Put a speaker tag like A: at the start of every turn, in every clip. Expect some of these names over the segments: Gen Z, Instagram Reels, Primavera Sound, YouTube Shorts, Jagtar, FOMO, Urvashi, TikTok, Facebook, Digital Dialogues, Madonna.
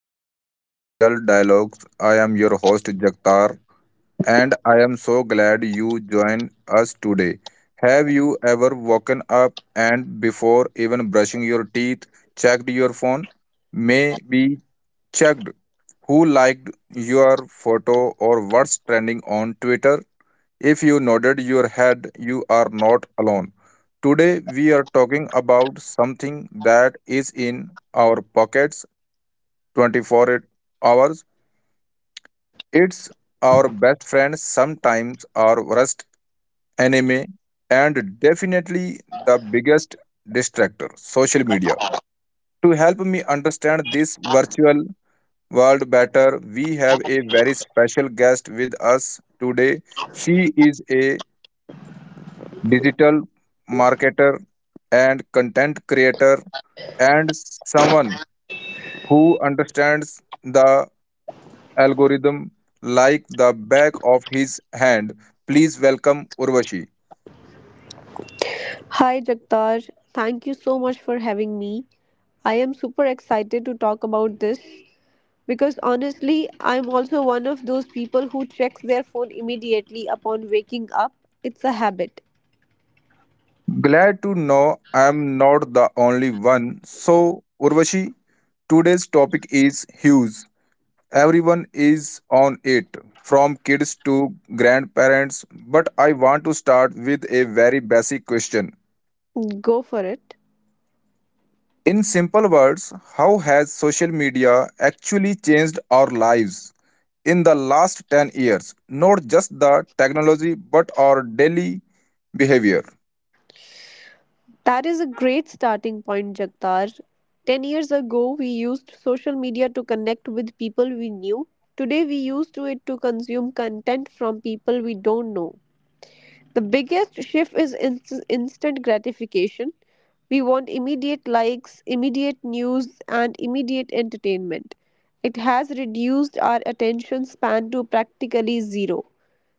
A: back to Digital Dialogues. I am your host Jagtar, and I am so glad you joined us today. Have you ever woken up and, before even brushing your teeth, checked your phone? Maybe checked who liked your photo or what's trending on Twitter? If you nodded your head, you are not alone. Today we are talking about something that is in our pockets 24 hours. It's our best friend, sometimes our worst enemy, and definitely the biggest distractor, social media. To help me understand this virtual world better, we have a very special guest with us today. She is a digital marketer and content creator, and someone who understands the algorithm like the back of his hand. Please welcome Urvashi.
B: Hi Jagtar, thank you so much for having me. I am super excited to talk about this because honestly, I'm also one of those people who checks their phone immediately upon waking up. It's a habit.
A: Glad to know I am not the only one. So, Urvashi, today's topic is huge. Everyone is on it, from kids to grandparents. But I want to start with a very basic question.
B: Go for it.
A: In simple words, how has social media actually changed our lives in the last 10 years, not just the technology but our daily behavior?
B: That is a great starting point, Jagtar. 10 years ago, we used social media to connect with people we knew. Today, we use to it to consume content from people we don't know. The biggest shift is instant gratification. We want immediate likes, immediate news, and immediate entertainment. It has reduced our attention span to practically zero.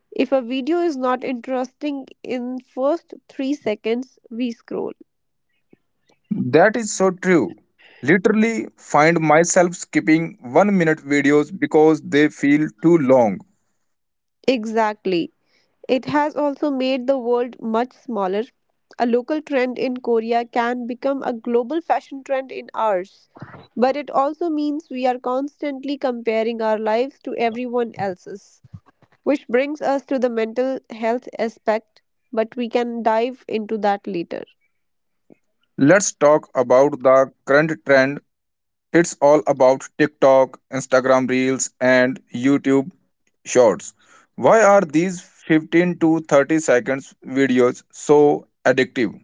B: If a video is not interesting in first 3 seconds, we scroll.
A: That is so true. Literally find myself skipping 1 minute videos because they feel too long.
B: Exactly. It has also made the world much smaller. A local trend in Korea can become a global fashion trend in hours. But it also means we are constantly comparing our lives to everyone else's, which brings us to the mental health aspect, but we can dive into that later.
A: Let's talk about the current trend. It's all about TikTok, Instagram Reels and YouTube Shorts. Why are these 15 to 30 seconds videos so addictive?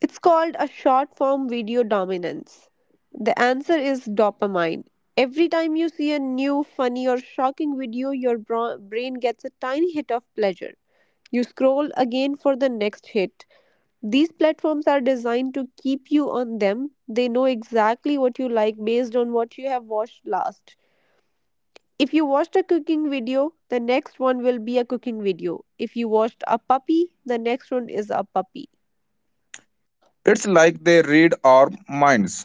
B: It's called a short form video dominance. The answer is dopamine. Every time you see a new, funny, or shocking video, your brain gets a tiny hit of pleasure. You scroll again for the next hit. These platforms are designed to keep you on them. They know exactly what you like based on what you have watched last. If you watched a cooking video, the next one will be a cooking video. If you watched a puppy, the next one is a puppy.
A: It's like they read our minds.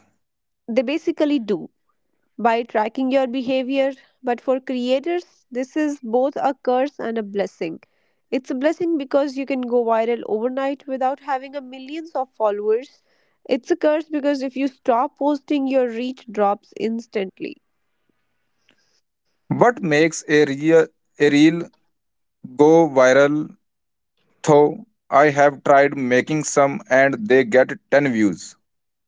B: They basically do, by tracking your behavior. But for creators, this is both a curse and a blessing. It's a blessing because you can go viral overnight without having a millions of followers. It's a curse because if you stop posting, your reach drops instantly.
A: What makes a real a reel go viral though? I have tried making some and they get 10 views.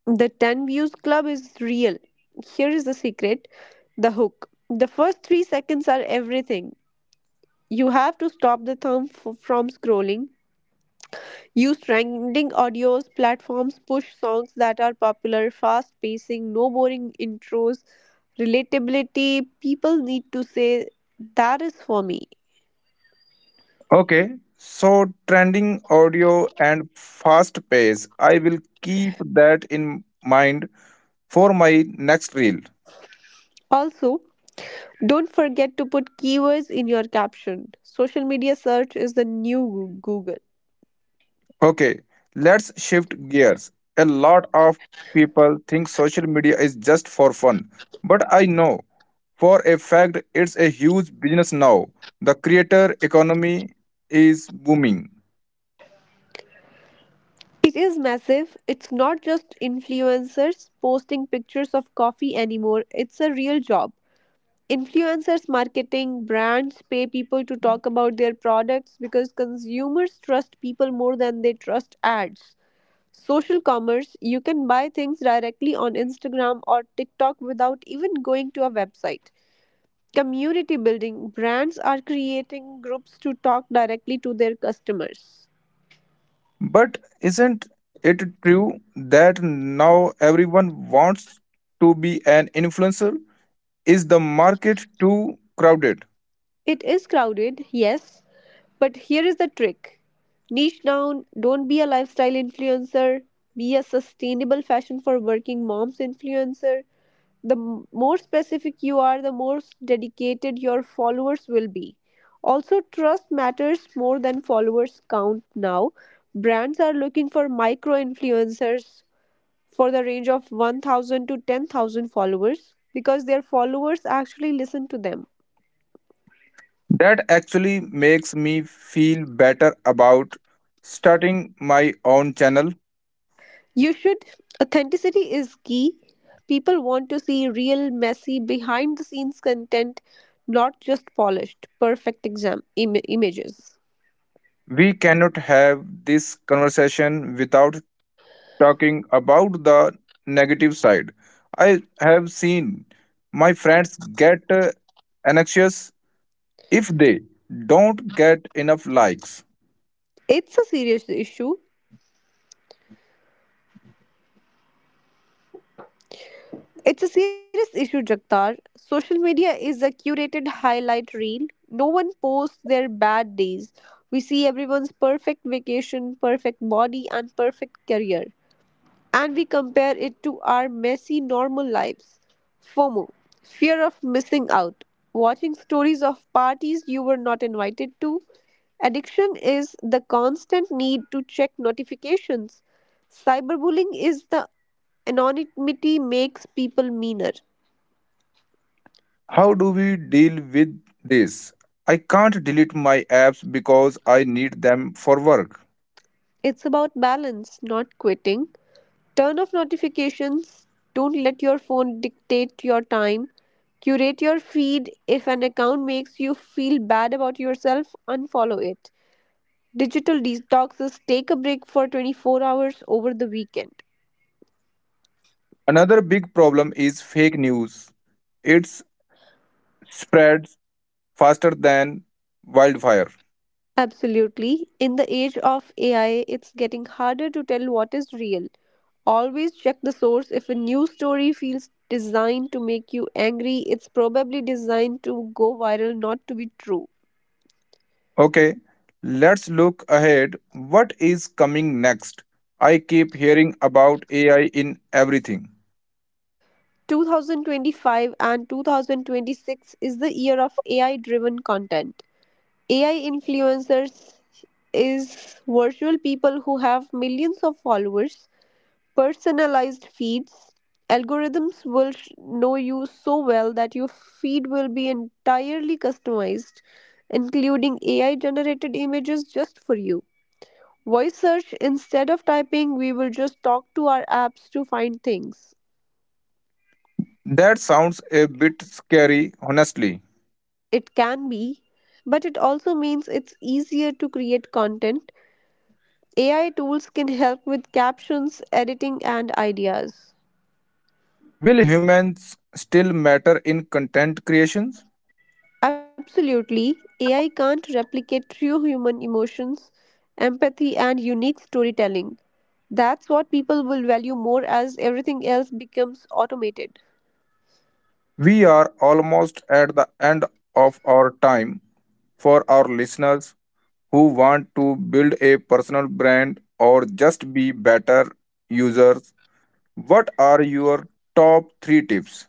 B: The 10 views club is real. Here is the secret, the hook. The first 3 seconds are everything. You have to stop the thumb from scrolling. Use trending audios platforms, push songs that are popular, fast pacing, no boring intros, relatability. People need to say, that is for me.
A: Okay, so trending audio and fast pace. I will keep that in mind for my next reel.
B: Also, don't forget to put keywords in your caption. Social media search is the new Google.
A: Okay, let's shift gears. A lot of people think social media is just for fun, but I know for a fact it's a huge business now. The creator economy is booming.
B: It is massive. It's not just influencers posting pictures of coffee anymore, it's a real job. Influencers marketing brands pay people to talk about their products because consumers trust people more than they trust ads. Social commerce, you can buy things directly on Instagram or TikTok without even going to a website. Community building, brands are creating groups to talk directly to their customers.
A: But isn't it true that now everyone wants to be an influencer? Is the market too crowded?
B: It is crowded, yes, but here is the trick, niche down, don't be a lifestyle influencer, be a sustainable fashion for working moms influencer. The more specific you are, the more dedicated your followers will be. Also, trust matters more than followers count now. Brands are looking for micro influencers for the range of 1,000 to 10,000 followers because their followers actually listen to them.
A: That actually makes me feel better about starting my own channel.
B: You should. Authenticity is key. People want to see real, messy, behind the scenes content, not just polished, perfect images.
A: We cannot have this conversation without talking about the negative side. I have seen my friends get anxious if they don't get enough likes.
B: It's a serious issue. It's a serious issue, Jagtar. Social media is a curated highlight reel. No one posts their bad days. We see everyone's perfect vacation, perfect body, and perfect career, and we compare it to our messy normal lives. FOMO, fear of missing out, watching stories of parties you were not invited to. Addiction is the constant need to check notifications. Cyberbullying is the anonymity makes people meaner.
A: How do we deal with this? I can't delete my apps because I need them for work.
B: It's about balance, not quitting. Turn off notifications. Don't let your phone dictate your time. Curate your feed. If an account makes you feel bad about yourself, unfollow it. Digital detoxes, take a break for 24 hours over the weekend.
A: Another big problem is fake news. It spreads faster than wildfire.
B: Absolutely. In the age of AI, it's getting harder to tell what is real. Always check the source. If a news story feels designed to make you angry, it's probably designed to go viral, not to be true.
A: Okay, let's look ahead. What is coming next? I keep hearing about AI in everything.
B: 2025 and 2026 is the year of AI driven content. AI influencers is virtual people who have millions of followers, personalized feeds. Algorithms will know you so well that your feed will be entirely customized, including AI generated images just for you. Voice search, instead of typing, we will just talk to our apps to find things.
A: That sounds a bit scary, honestly.
B: It can be, but it also means it's easier to create content. AI tools can help with captions, editing, and ideas.
A: Will humans still matter in content creations?
B: Absolutely, AI can't replicate true human emotions, empathy, and unique storytelling. That's what people will value more as everything else becomes automated.
A: We are almost at the end of our time. For our listeners who want to build a personal brand or just be better users, what are your top 3 tips?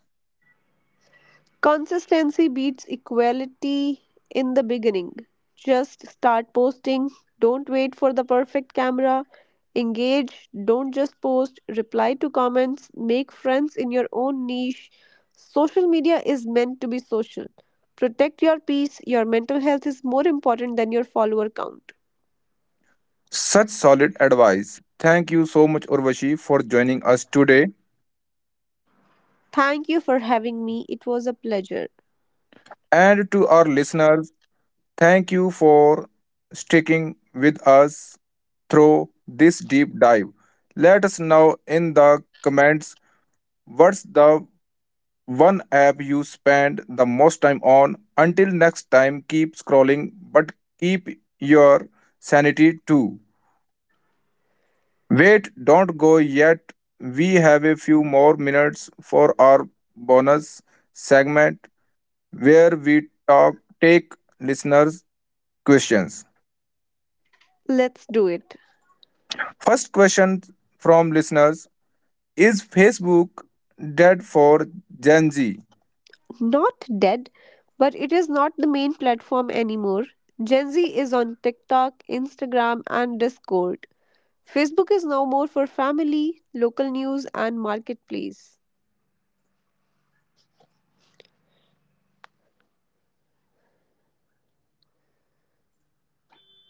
B: Consistency beats equality in the beginning. Just start posting. Don't wait for the perfect camera. Engage. Don't just post. Reply to comments. Make friends in your own niche. Social media is meant to be social. Protect your peace. Your mental health is more important than your follower count.
A: Such solid advice. Thank you so much, Urvashi, for joining us today.
B: Thank you for having me. It was a pleasure.
A: And to our listeners, thank you for sticking with us through this deep dive. Let us know in the comments what's the one app you spend the most time on. Until next time, keep scrolling, but keep your sanity too. Wait, don't go yet. We have a few more minutes for our bonus segment where we talk take listeners' questions.
B: Let's do it.
A: First question from listeners: is Facebook dead for Gen Z?
B: Not dead, but it is not the main platform anymore. Gen Z is on TikTok, Instagram, and Discord. Facebook is now more for family, local news, and marketplace.
A: The second question from listener: how can I make money?